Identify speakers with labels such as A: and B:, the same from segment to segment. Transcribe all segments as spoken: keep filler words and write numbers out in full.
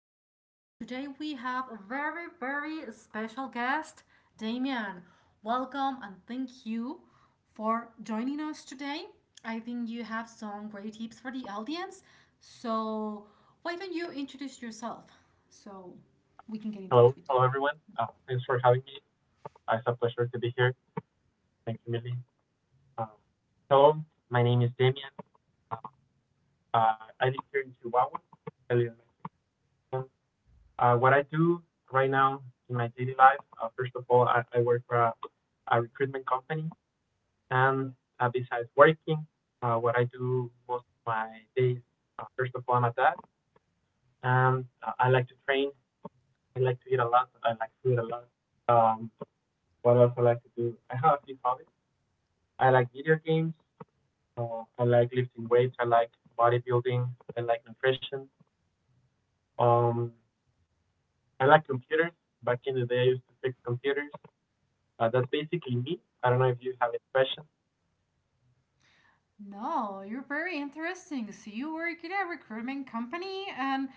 A: podcast. Today we have a very, very special guest, Damian. Welcome and thank you for joining us today. I think you have some great tips for the audience. So, why don't you introduce yourself so we can get in touch with you? No, you're very interesting. So you work in a recruitment company and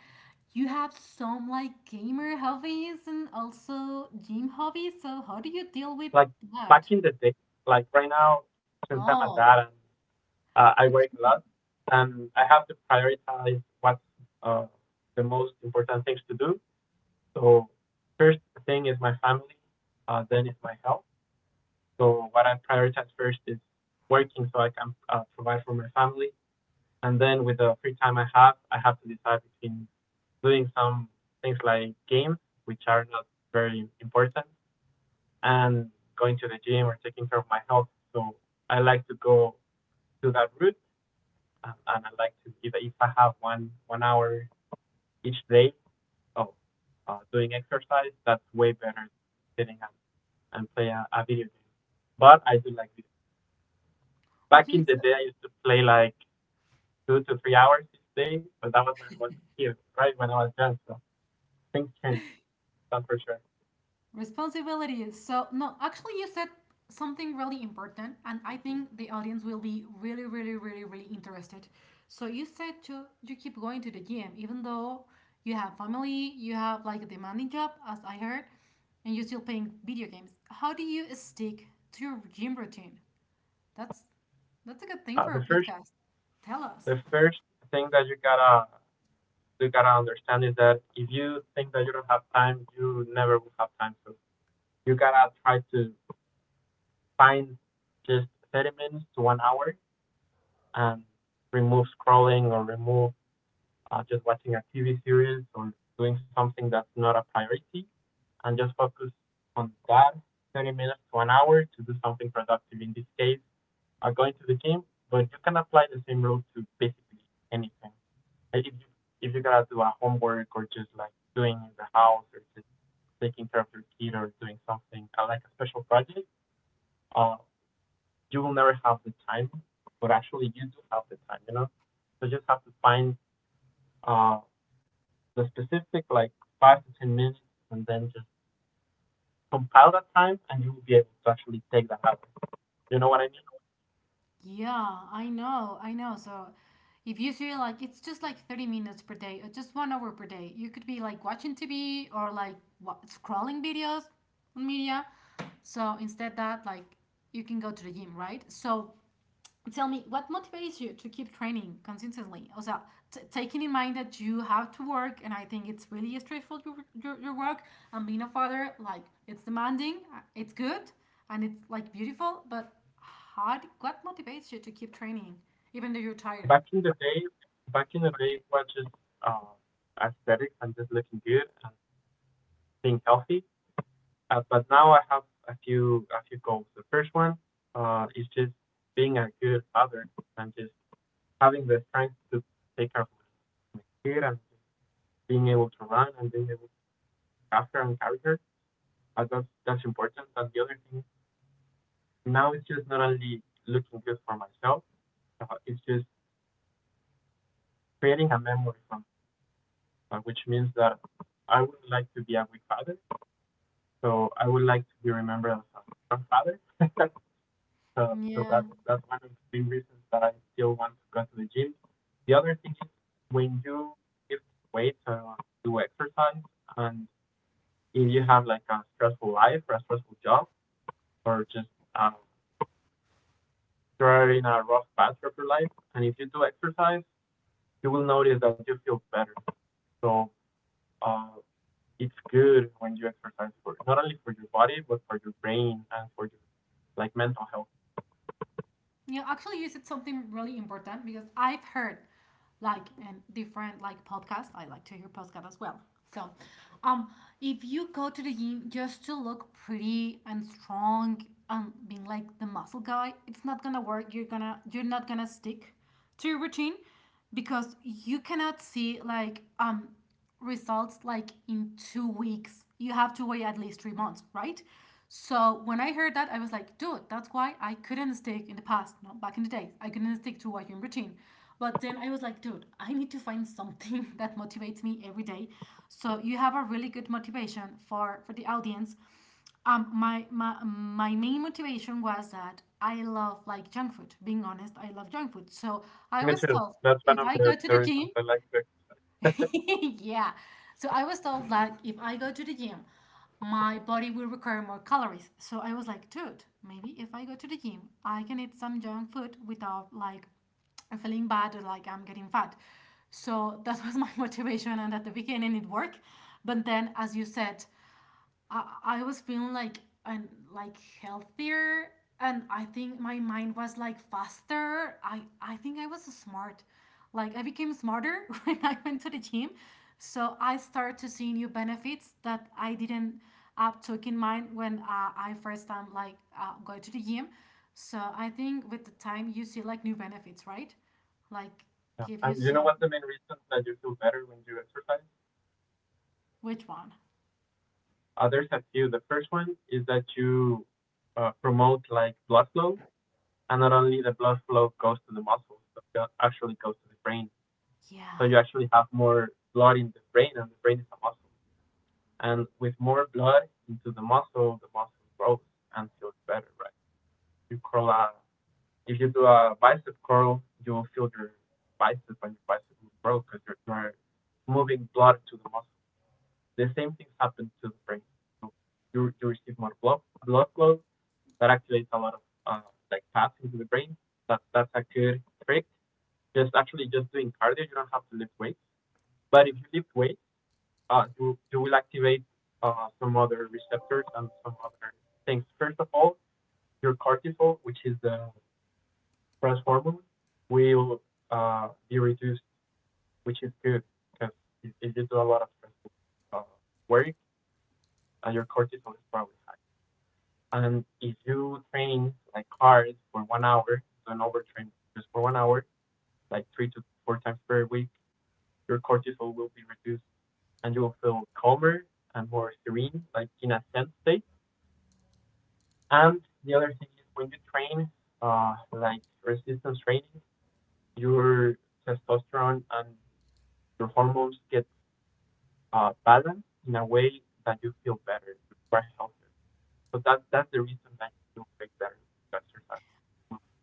A: you have some like gamer hobbies and also gym hobbies. So how do you deal with that? Oh, okay. Okay, so responsibilities. So, no, actually, you said something really important, and I think the audience will be really, really, really, really interested. So, you said to you keep going to the gym, even though you have family, you have like a demanding job, as I heard, and you're still playing video games. How do you stick to your gym routine? That's that's a good thing for a podcast. Tell us. Yeah, I know, I know. So if you see like it's just like thirty minutes per day or just one hour per day, you could be like watching T V or like wa scrolling videos on media. So instead that like you can go to the gym, right? So tell me, what motivates you to keep training consistently? Also, t- taking in mind that you have to work, and I think it's really stressful your, your, your work, and being a father, like, it's demanding, uh, it's good, and it's like beautiful, but how, d- what motivates you to keep training, even though you're tired? Yeah. You know, actually, you said something really important because I've heard like in different like podcasts. I like to hear podcasts as well. So, um, if you go to the gym just to look pretty and strong and being like the muscle guy, it's not gonna work. You're gonna you're not gonna stick to your routine because you cannot see like um results like in two weeks. You have to wait at least three months, right? So when I heard that, I was like, dude, that's why I couldn't stick in the past, no, back in the day. I couldn't stick to working routine. But then I was like, dude, I need to find something that motivates me every day. So you have a really good motivation for for the audience. Um, my, my my main motivation was that I love like junk food. Being honest, I love junk food. So I was told if I go to the gym, yeah. So I was told like if I go to the gym, my body will require more calories. So I was like, dude, maybe if I go to the gym, I can eat some junk food without like feeling bad or like I'm getting fat. So that was my motivation and at the beginning it worked. But then as you said, I, I was feeling like and like healthier and I think my mind was like faster. I, I think I was smart. Like I became smarter when I went to the gym. So I started to see new benefits that I didn't uh, took in mind when uh, I first time like uh, going to the gym. So I think with the time you see like new benefits, right? Like give you some. Which one? Yeah.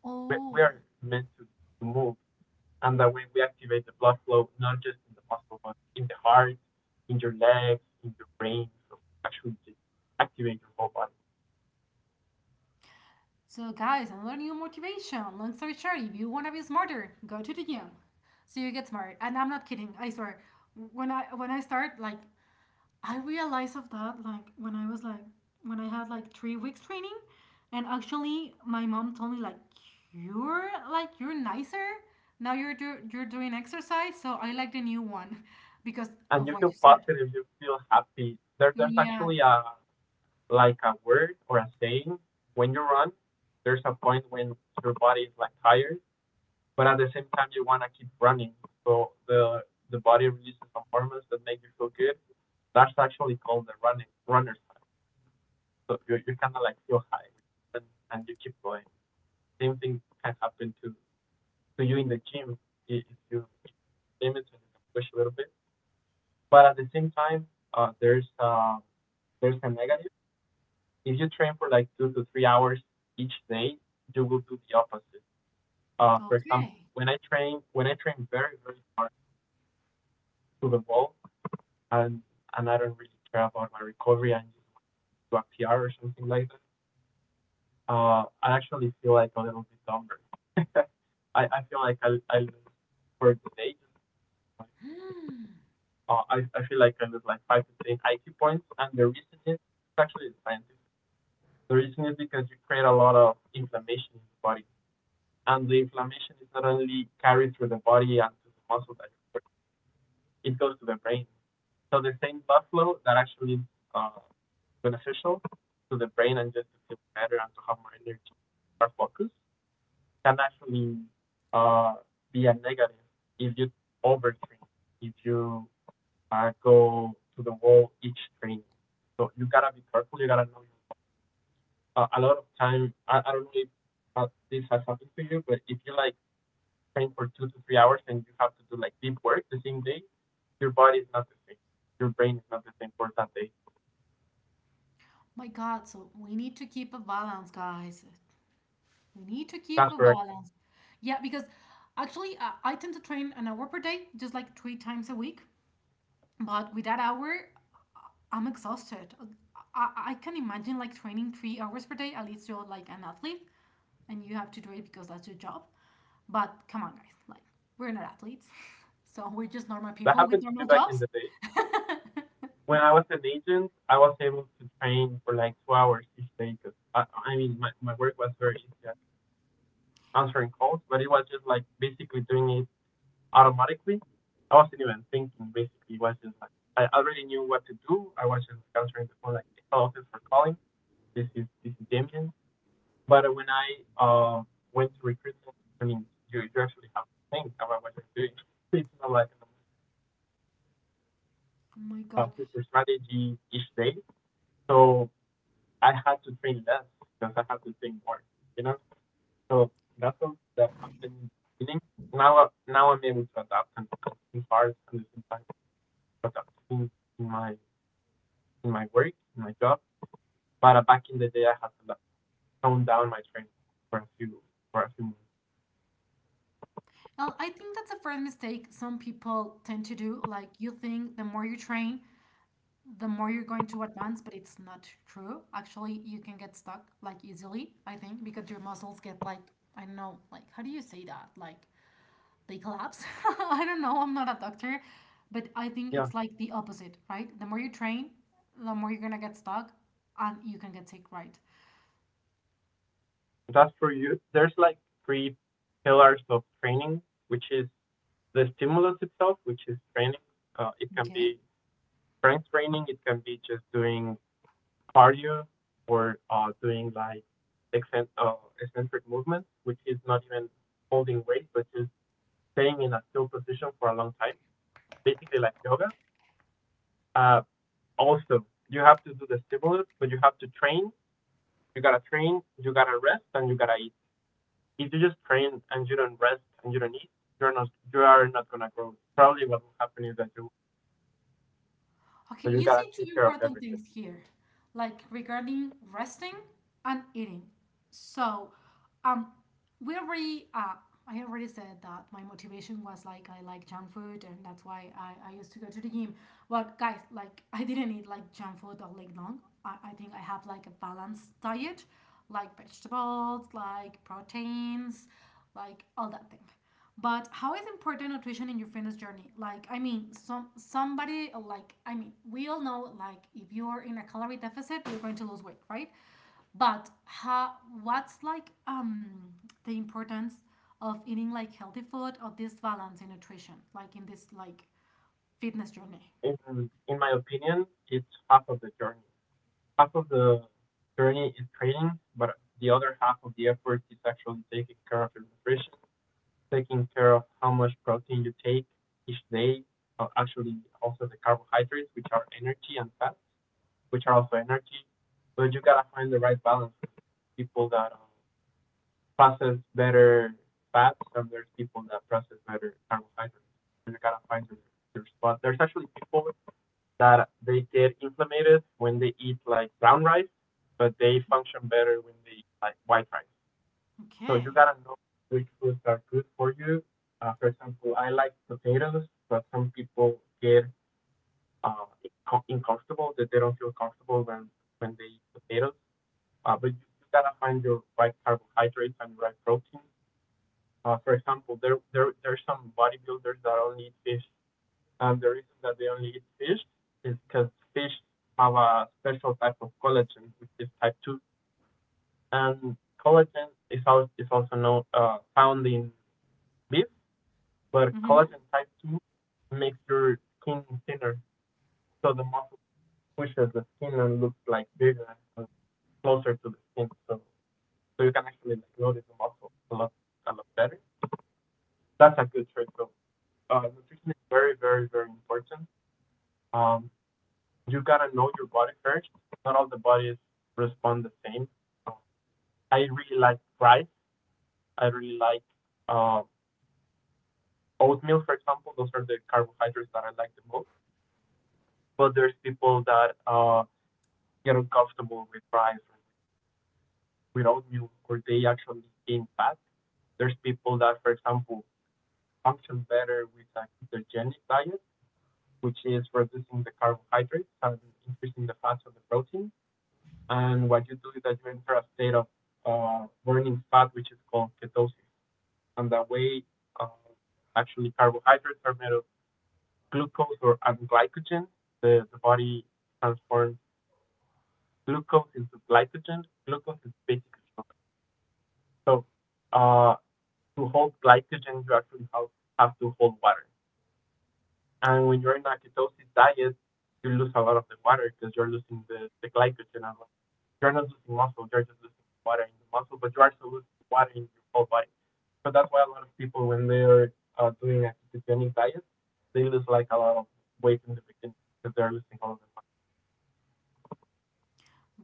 A: Oh. So, guys, another new motivation. Long story short, if you want to be smarter, go to the gym. So you get smart. And I'm not kidding. I swear. When I when I start like I realized of that like when I was like when I had like three weeks training, and actually my mom told me like you're like you're nicer now. You're do- you're doing exercise, so I like the new one because of what you said. Yeah. Okay. My God, so we need to keep a balance, guys. We need to keep a balance. Yeah, because actually, uh, I tend to train an hour per day, just like three times a week. But with that hour, I'm exhausted. I, I can imagine like training three hours per day, at least you're like an athlete and you have to do it because that's your job. But come on, guys, like we're not athletes. So we're just normal people with normal jobs. Oh my God. Well, I think that's a first mistake some people tend to do. Like, you think the more you train, the more you're going to advance, but it's not true. Actually, you can get stuck like easily, I think, because your muscles get like, I don't know, like, how do you say that? Like, they collapse. I don't know, I'm not a doctor, but I think it's like the opposite, right? The more you train, the more you're gonna get stuck and you can get sick, right? Okay. Okay, you say two important things here, like regarding resting and eating. So, um, we already, uh, I already said that my motivation was like I like junk food and that's why I, I used to go to the gym. But guys, like I didn't eat like junk food all week long. I, I think I have like a balanced diet, like vegetables, like proteins, like all that thing. But how is important nutrition in your fitness journey? Like, I mean, some somebody like I mean, we all know like if you're in a calorie deficit, you're going to lose weight, right? But how what's like um the importance of eating like healthy food or this balance in nutrition, like in this like fitness journey? Okay.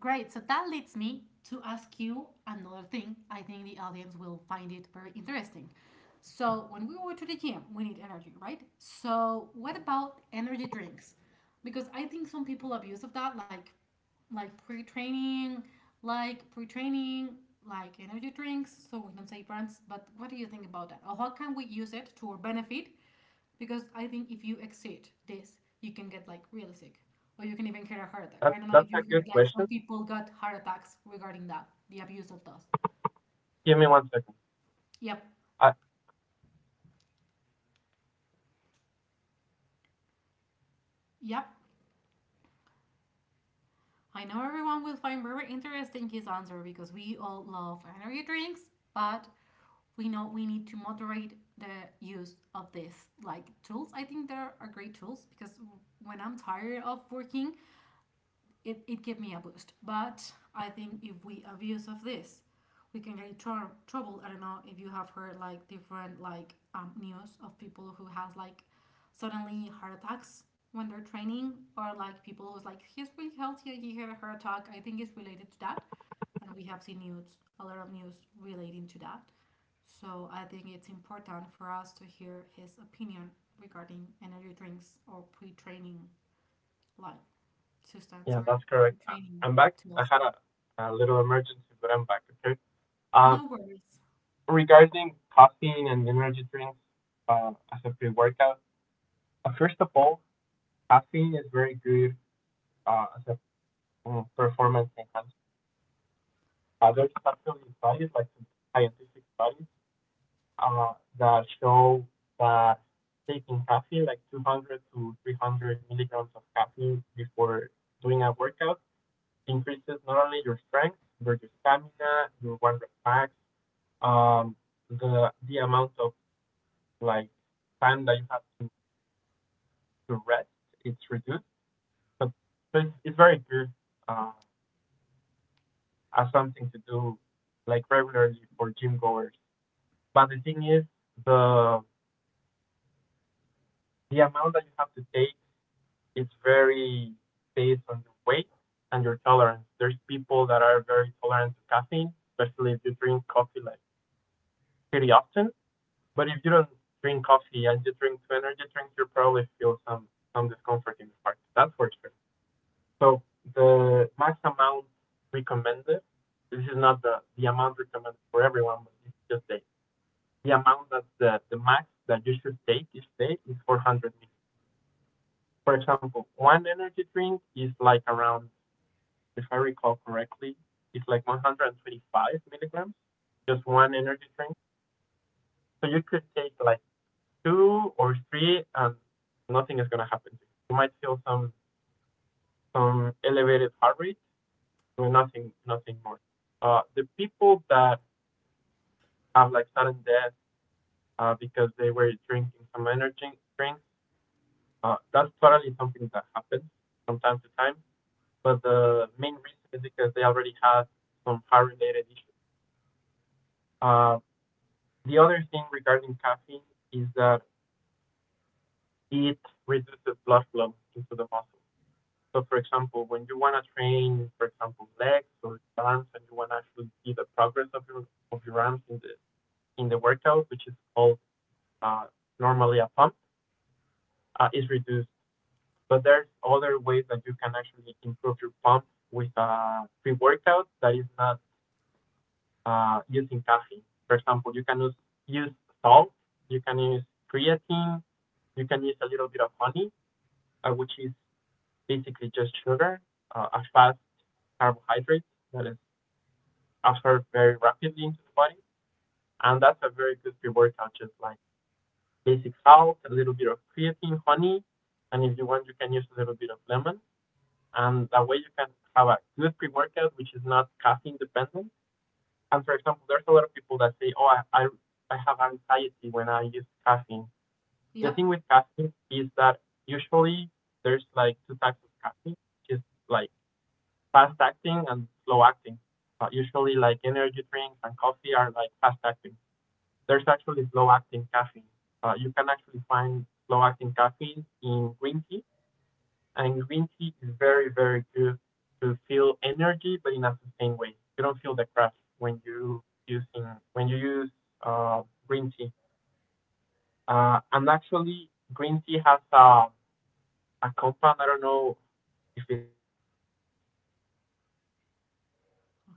A: Great. So that leads me to ask you another thing. I think the audience will find it very interesting. So, when we go to the gym, we need energy, right? So, what about energy drinks? Because I think some people abuse of that, like like pre-training, like pre-training, like energy drinks. So we don't say brands, but what do you think about that? Or how can we use it to our benefit because I think if you exceed this, you can get like really sick, or you can even get a heart attack. I don't know if you heard like some people got heart attacks regarding that, the abuse of those. Yep, yep. I know everyone will find very interesting his answer because we all love energy drinks, but we know we need to moderate the use of this like tools. I think there are great tools because when I'm tired of working, it, it gave me a boost. But I think if we abuse of this, we can get in tr- trouble. I don't know if you have heard like different like um, news of people who has like suddenly heart attacks when they're training, or like people who's like he's really healthy, he had a heart attack. I think it's related to that, and we have seen news a lot of news relating to that. So I think it's important for us to hear his opinion regarding energy drinks or pre-training like sustenance or training tools. No worries. Yep.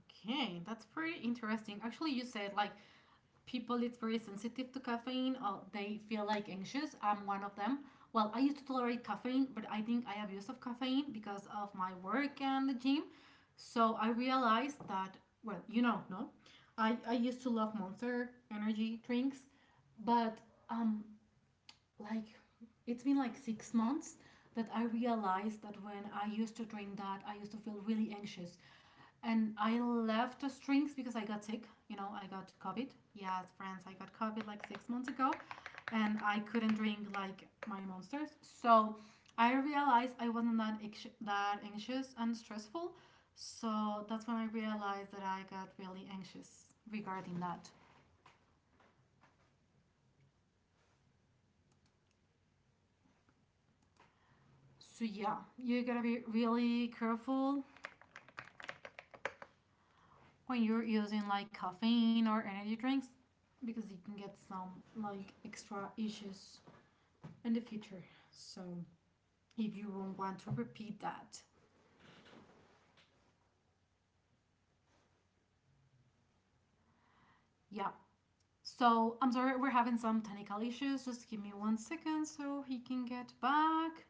A: Okay, that's pretty interesting. Actually, you said like people it's very sensitive to caffeine or they feel like anxious. I'm one of them. Well, I used to tolerate caffeine, but I think I abused of caffeine because of my work and the gym. So I realized that well, you know, no. I, I used to love monster energy drinks, but um like it's been like six months that I realized that when I used to drink that, I used to feel really anxious. And I left the drinks because I got sick. You know, I got COVID. Yes, friends, I got COVID like six months ago. And I couldn't drink like my monsters. So I realized I wasn't that, anxi- that anxious and stressful. So that's when I realized that I got really anxious regarding that. So yeah, you gotta be really careful when you're using like caffeine or energy drinks because you can get some like extra issues in the future. So if you won't want to repeat that, yeah. So I'm sorry, we're having some technical issues. Just give me one second so he can get back.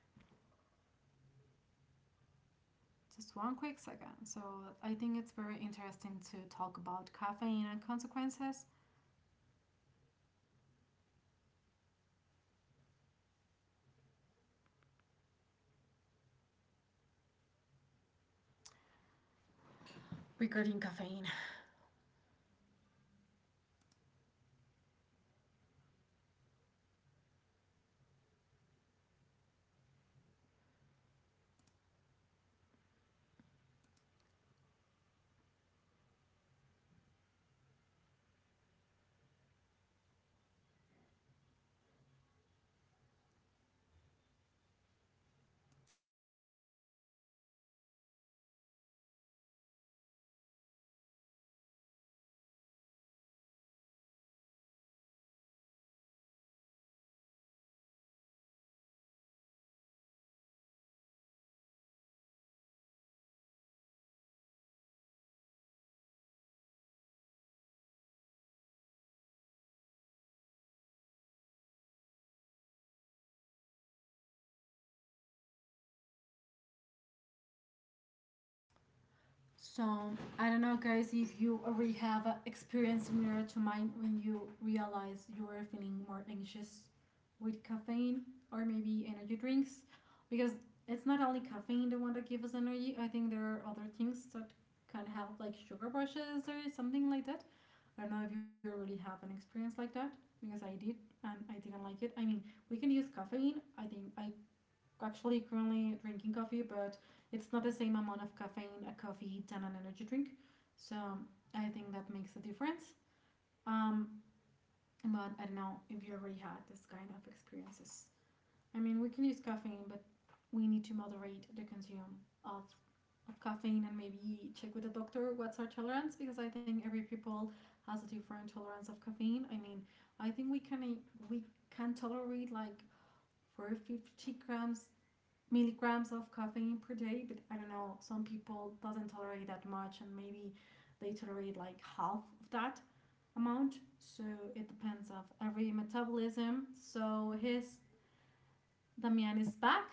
A: Just one quick second. So I think it's very interesting to talk about caffeine and consequences regarding caffeine. So I don't know, guys, if you already have an experience similar to mine when you realize you are feeling more anxious with caffeine or maybe energy drinks, because it's not only caffeine the one that gives us energy. I think there are other things that can help, like sugar rushes or something like that. I don't know if you already have an experience like that, because I did and I didn't like it. I mean, we can use caffeine. I think I actually currently drinking coffee, but it's not the same amount of caffeine a coffee than an energy drink. So I think that makes a difference. Um, but I don't know if you already had this kind of experiences. I mean, we can use caffeine, but we need to moderate the consume of of caffeine and maybe check with the doctor what's our tolerance because I think every people has a different tolerance of caffeine. I mean, I think we can we can tolerate like for fifty grams milligrams of caffeine per day, but I don't know, some people doesn't tolerate that much and maybe they tolerate like half of that amount. So it depends of every metabolism. So his Damian is back.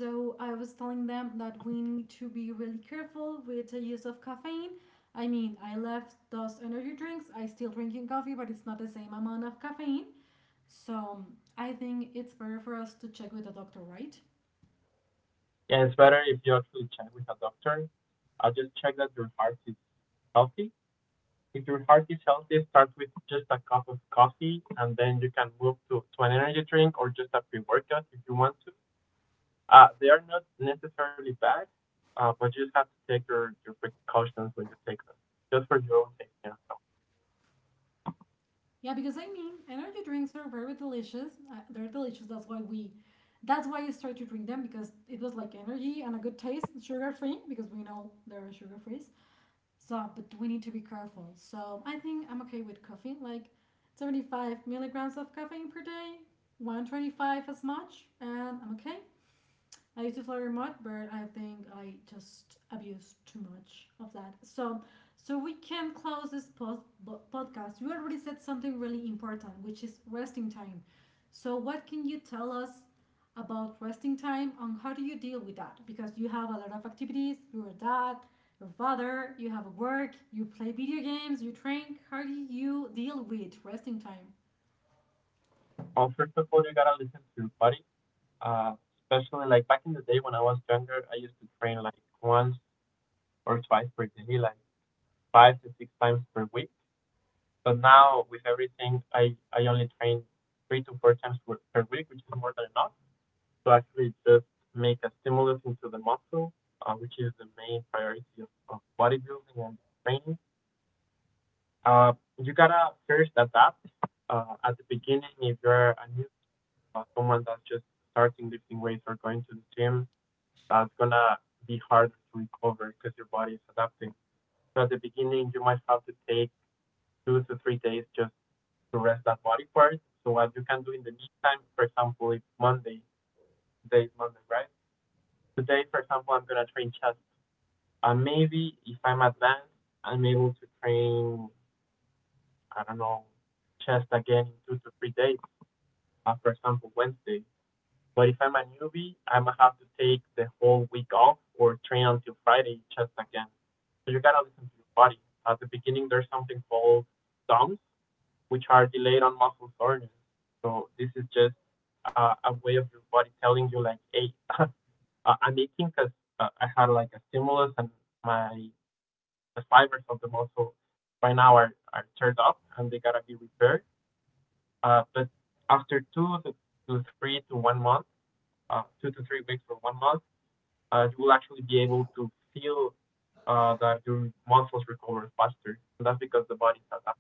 A: So I was telling them that we need to be really careful with the use of caffeine. I mean, I left those energy drinks, I still drinking coffee, but it's not the same amount of caffeine. So I think it's better for us to check with the doctor, right?
B: Yeah, it's better if you actually check with a doctor. I just check that your heart is healthy. If your heart is healthy, start with just a cup of coffee and then you can move to, to an energy drink or just a pre workout if you want to. Uh, they are not necessarily bad, uh, but you just have to take your, your precautions when you take them, just for your own safety. and health.
A: Yeah, because I mean, energy drinks are very delicious. Uh, they're delicious. That's why we, that's why I started to drink them because it was like energy and a good taste, sugar free because we know they're sugar free. So, but we need to be careful. So I think I'm okay with coffee, like seventy-five milligrams of caffeine per day, one twenty-five as much, and I'm okay. I used to flirt a lot, but I think I just abused too much of that. So, so we can close this post, bo- podcast. You already said something really important, which is resting time. So, what can you tell us about resting time and how do you deal with that? Because you have a lot of activities. You're a dad, your father. You have work. You play video games. You train. How do you deal with resting time?
B: Well, first of all, you gotta listen to your body, uh, especially like back in the day when I was younger, I used to train like once or twice per day, like five to six times per week. But now with everything, I I only train three to four times per week, which is more than enough to actually just make a stimulus into the muscle, uh, which is the main priority of, of bodybuilding and training. Uh, you gotta first adapt uh, at the beginning if you're a new uh, someone that's just starting lifting weights or going to the gym. That's gonna be harder to recover because your body is adapting. So at the beginning, you might have to take two to three days just to rest that body part. So what you can do in the meantime, for example, it's Monday. Today is Monday, right? Today, for example, I'm gonna train chest. And maybe if I'm advanced, I'm able to train, I don't know, chest again in two to three days. Uh, for example, Wednesday. But if I'm a newbie, I'm gonna have to take the whole week off or train until Friday chest again. So you gotta listen to your body. At the beginning, there's something called DOMS, which are delayed on muscle soreness. So this is just uh, a way of your body telling you like, hey, I'm aching because uh, I had like a stimulus and my the fibers of the muscle by now are are teared up and they gotta be repaired. Uh, but after two to, to three to one month, uh, two to three weeks or one month, uh, you will actually be able to feel uh, that your muscles recover faster. And that's because the body is adapting.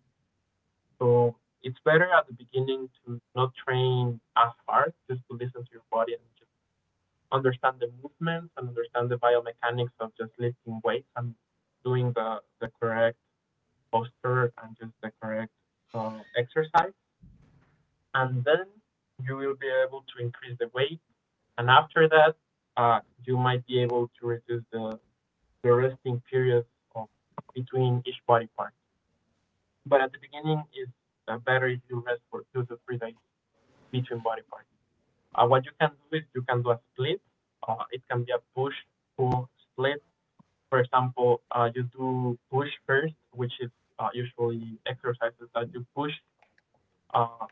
B: So it's better at the beginning to not train as hard, just to listen to your body and just understand the movements and understand the biomechanics of just lifting weights and doing the, the correct posture and just the correct uh, exercise. And then you will be able to increase the weight. And after that, uh, you might be able to reduce the, the resting periods of, between each body part. But at the beginning, it's uh, better if you rest for two to three days between body parts. Uh, what you can do is you can do a split. Uh, it can be a push pull split. For example, uh, you do push first, which is uh, usually exercises that you push uh,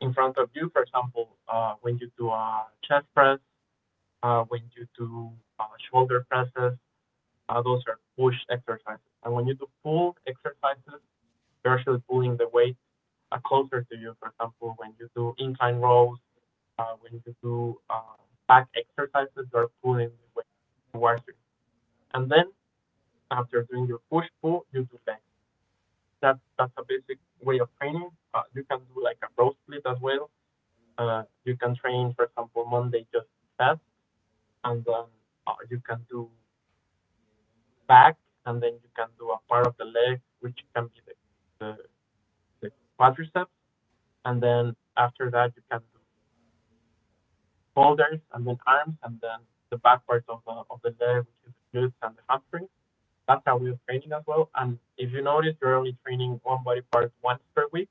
B: in front of you. For example, uh, when you do a chest press, uh, when you do uh, shoulder presses, uh, those are push exercises. And when you do pull exercises, you're actually pulling the weight uh, closer to you. For example, when you do incline rows uh, we need to do uh, back exercises. You're pulling the weight towards you. And then after doing your push pull, you do legs. That's that's a basic way of training. Uh, you can do like a row split as well. Uh, you can train, for example, Monday just chest, and then uh, you can do back, and then you can do a part of the leg, which can be the, the, the quadriceps, and then after that you can do shoulders and then arms and then the back part of the of the leg, which is the glutes and the hamstrings. That's how we're training as well. And if you notice, you're only training one body part once per week.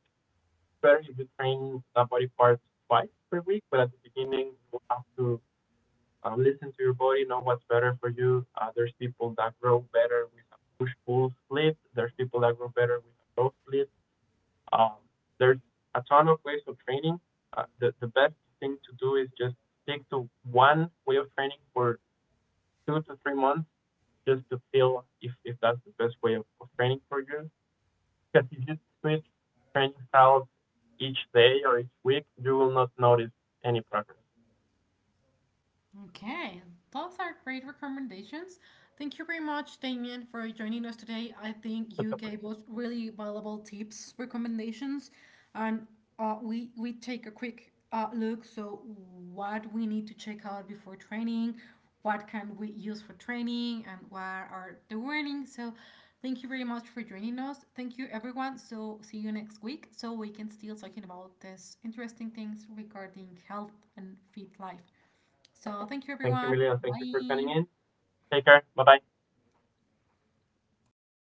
B: Better if you train that body part twice per week. But at the beginning, you have to uh, listen to your body, know what's better for you. Uh, there's people that grow better with a push pull split. There's people that grow better with a row split. Um, there's a ton of ways of training. Uh, the, the best thing to do is just stick to one way of training for two to three months just to feel if, if that's the best way of, of training for you. Because if you switch training styles each day or each week, you will not notice any progress.
A: Okay, those are great recommendations. Thank you very much, Damien, for joining us today. I think you
B: It's a
A: gave
B: pleasure.
A: us really valuable tips, recommendations, and uh, we we take a quick uh, look. So, what we need to check out before training, what can we use for training, and what are the warnings. So, thank you very much for joining us. Thank you, everyone. So, see you next week. So we can still talking about these interesting things regarding health and fit life. So thank you,
B: Thank you,
A: everyone.
B: Millie, thank you for tuning
A: Bye.
B: in. Take care. Bye bye.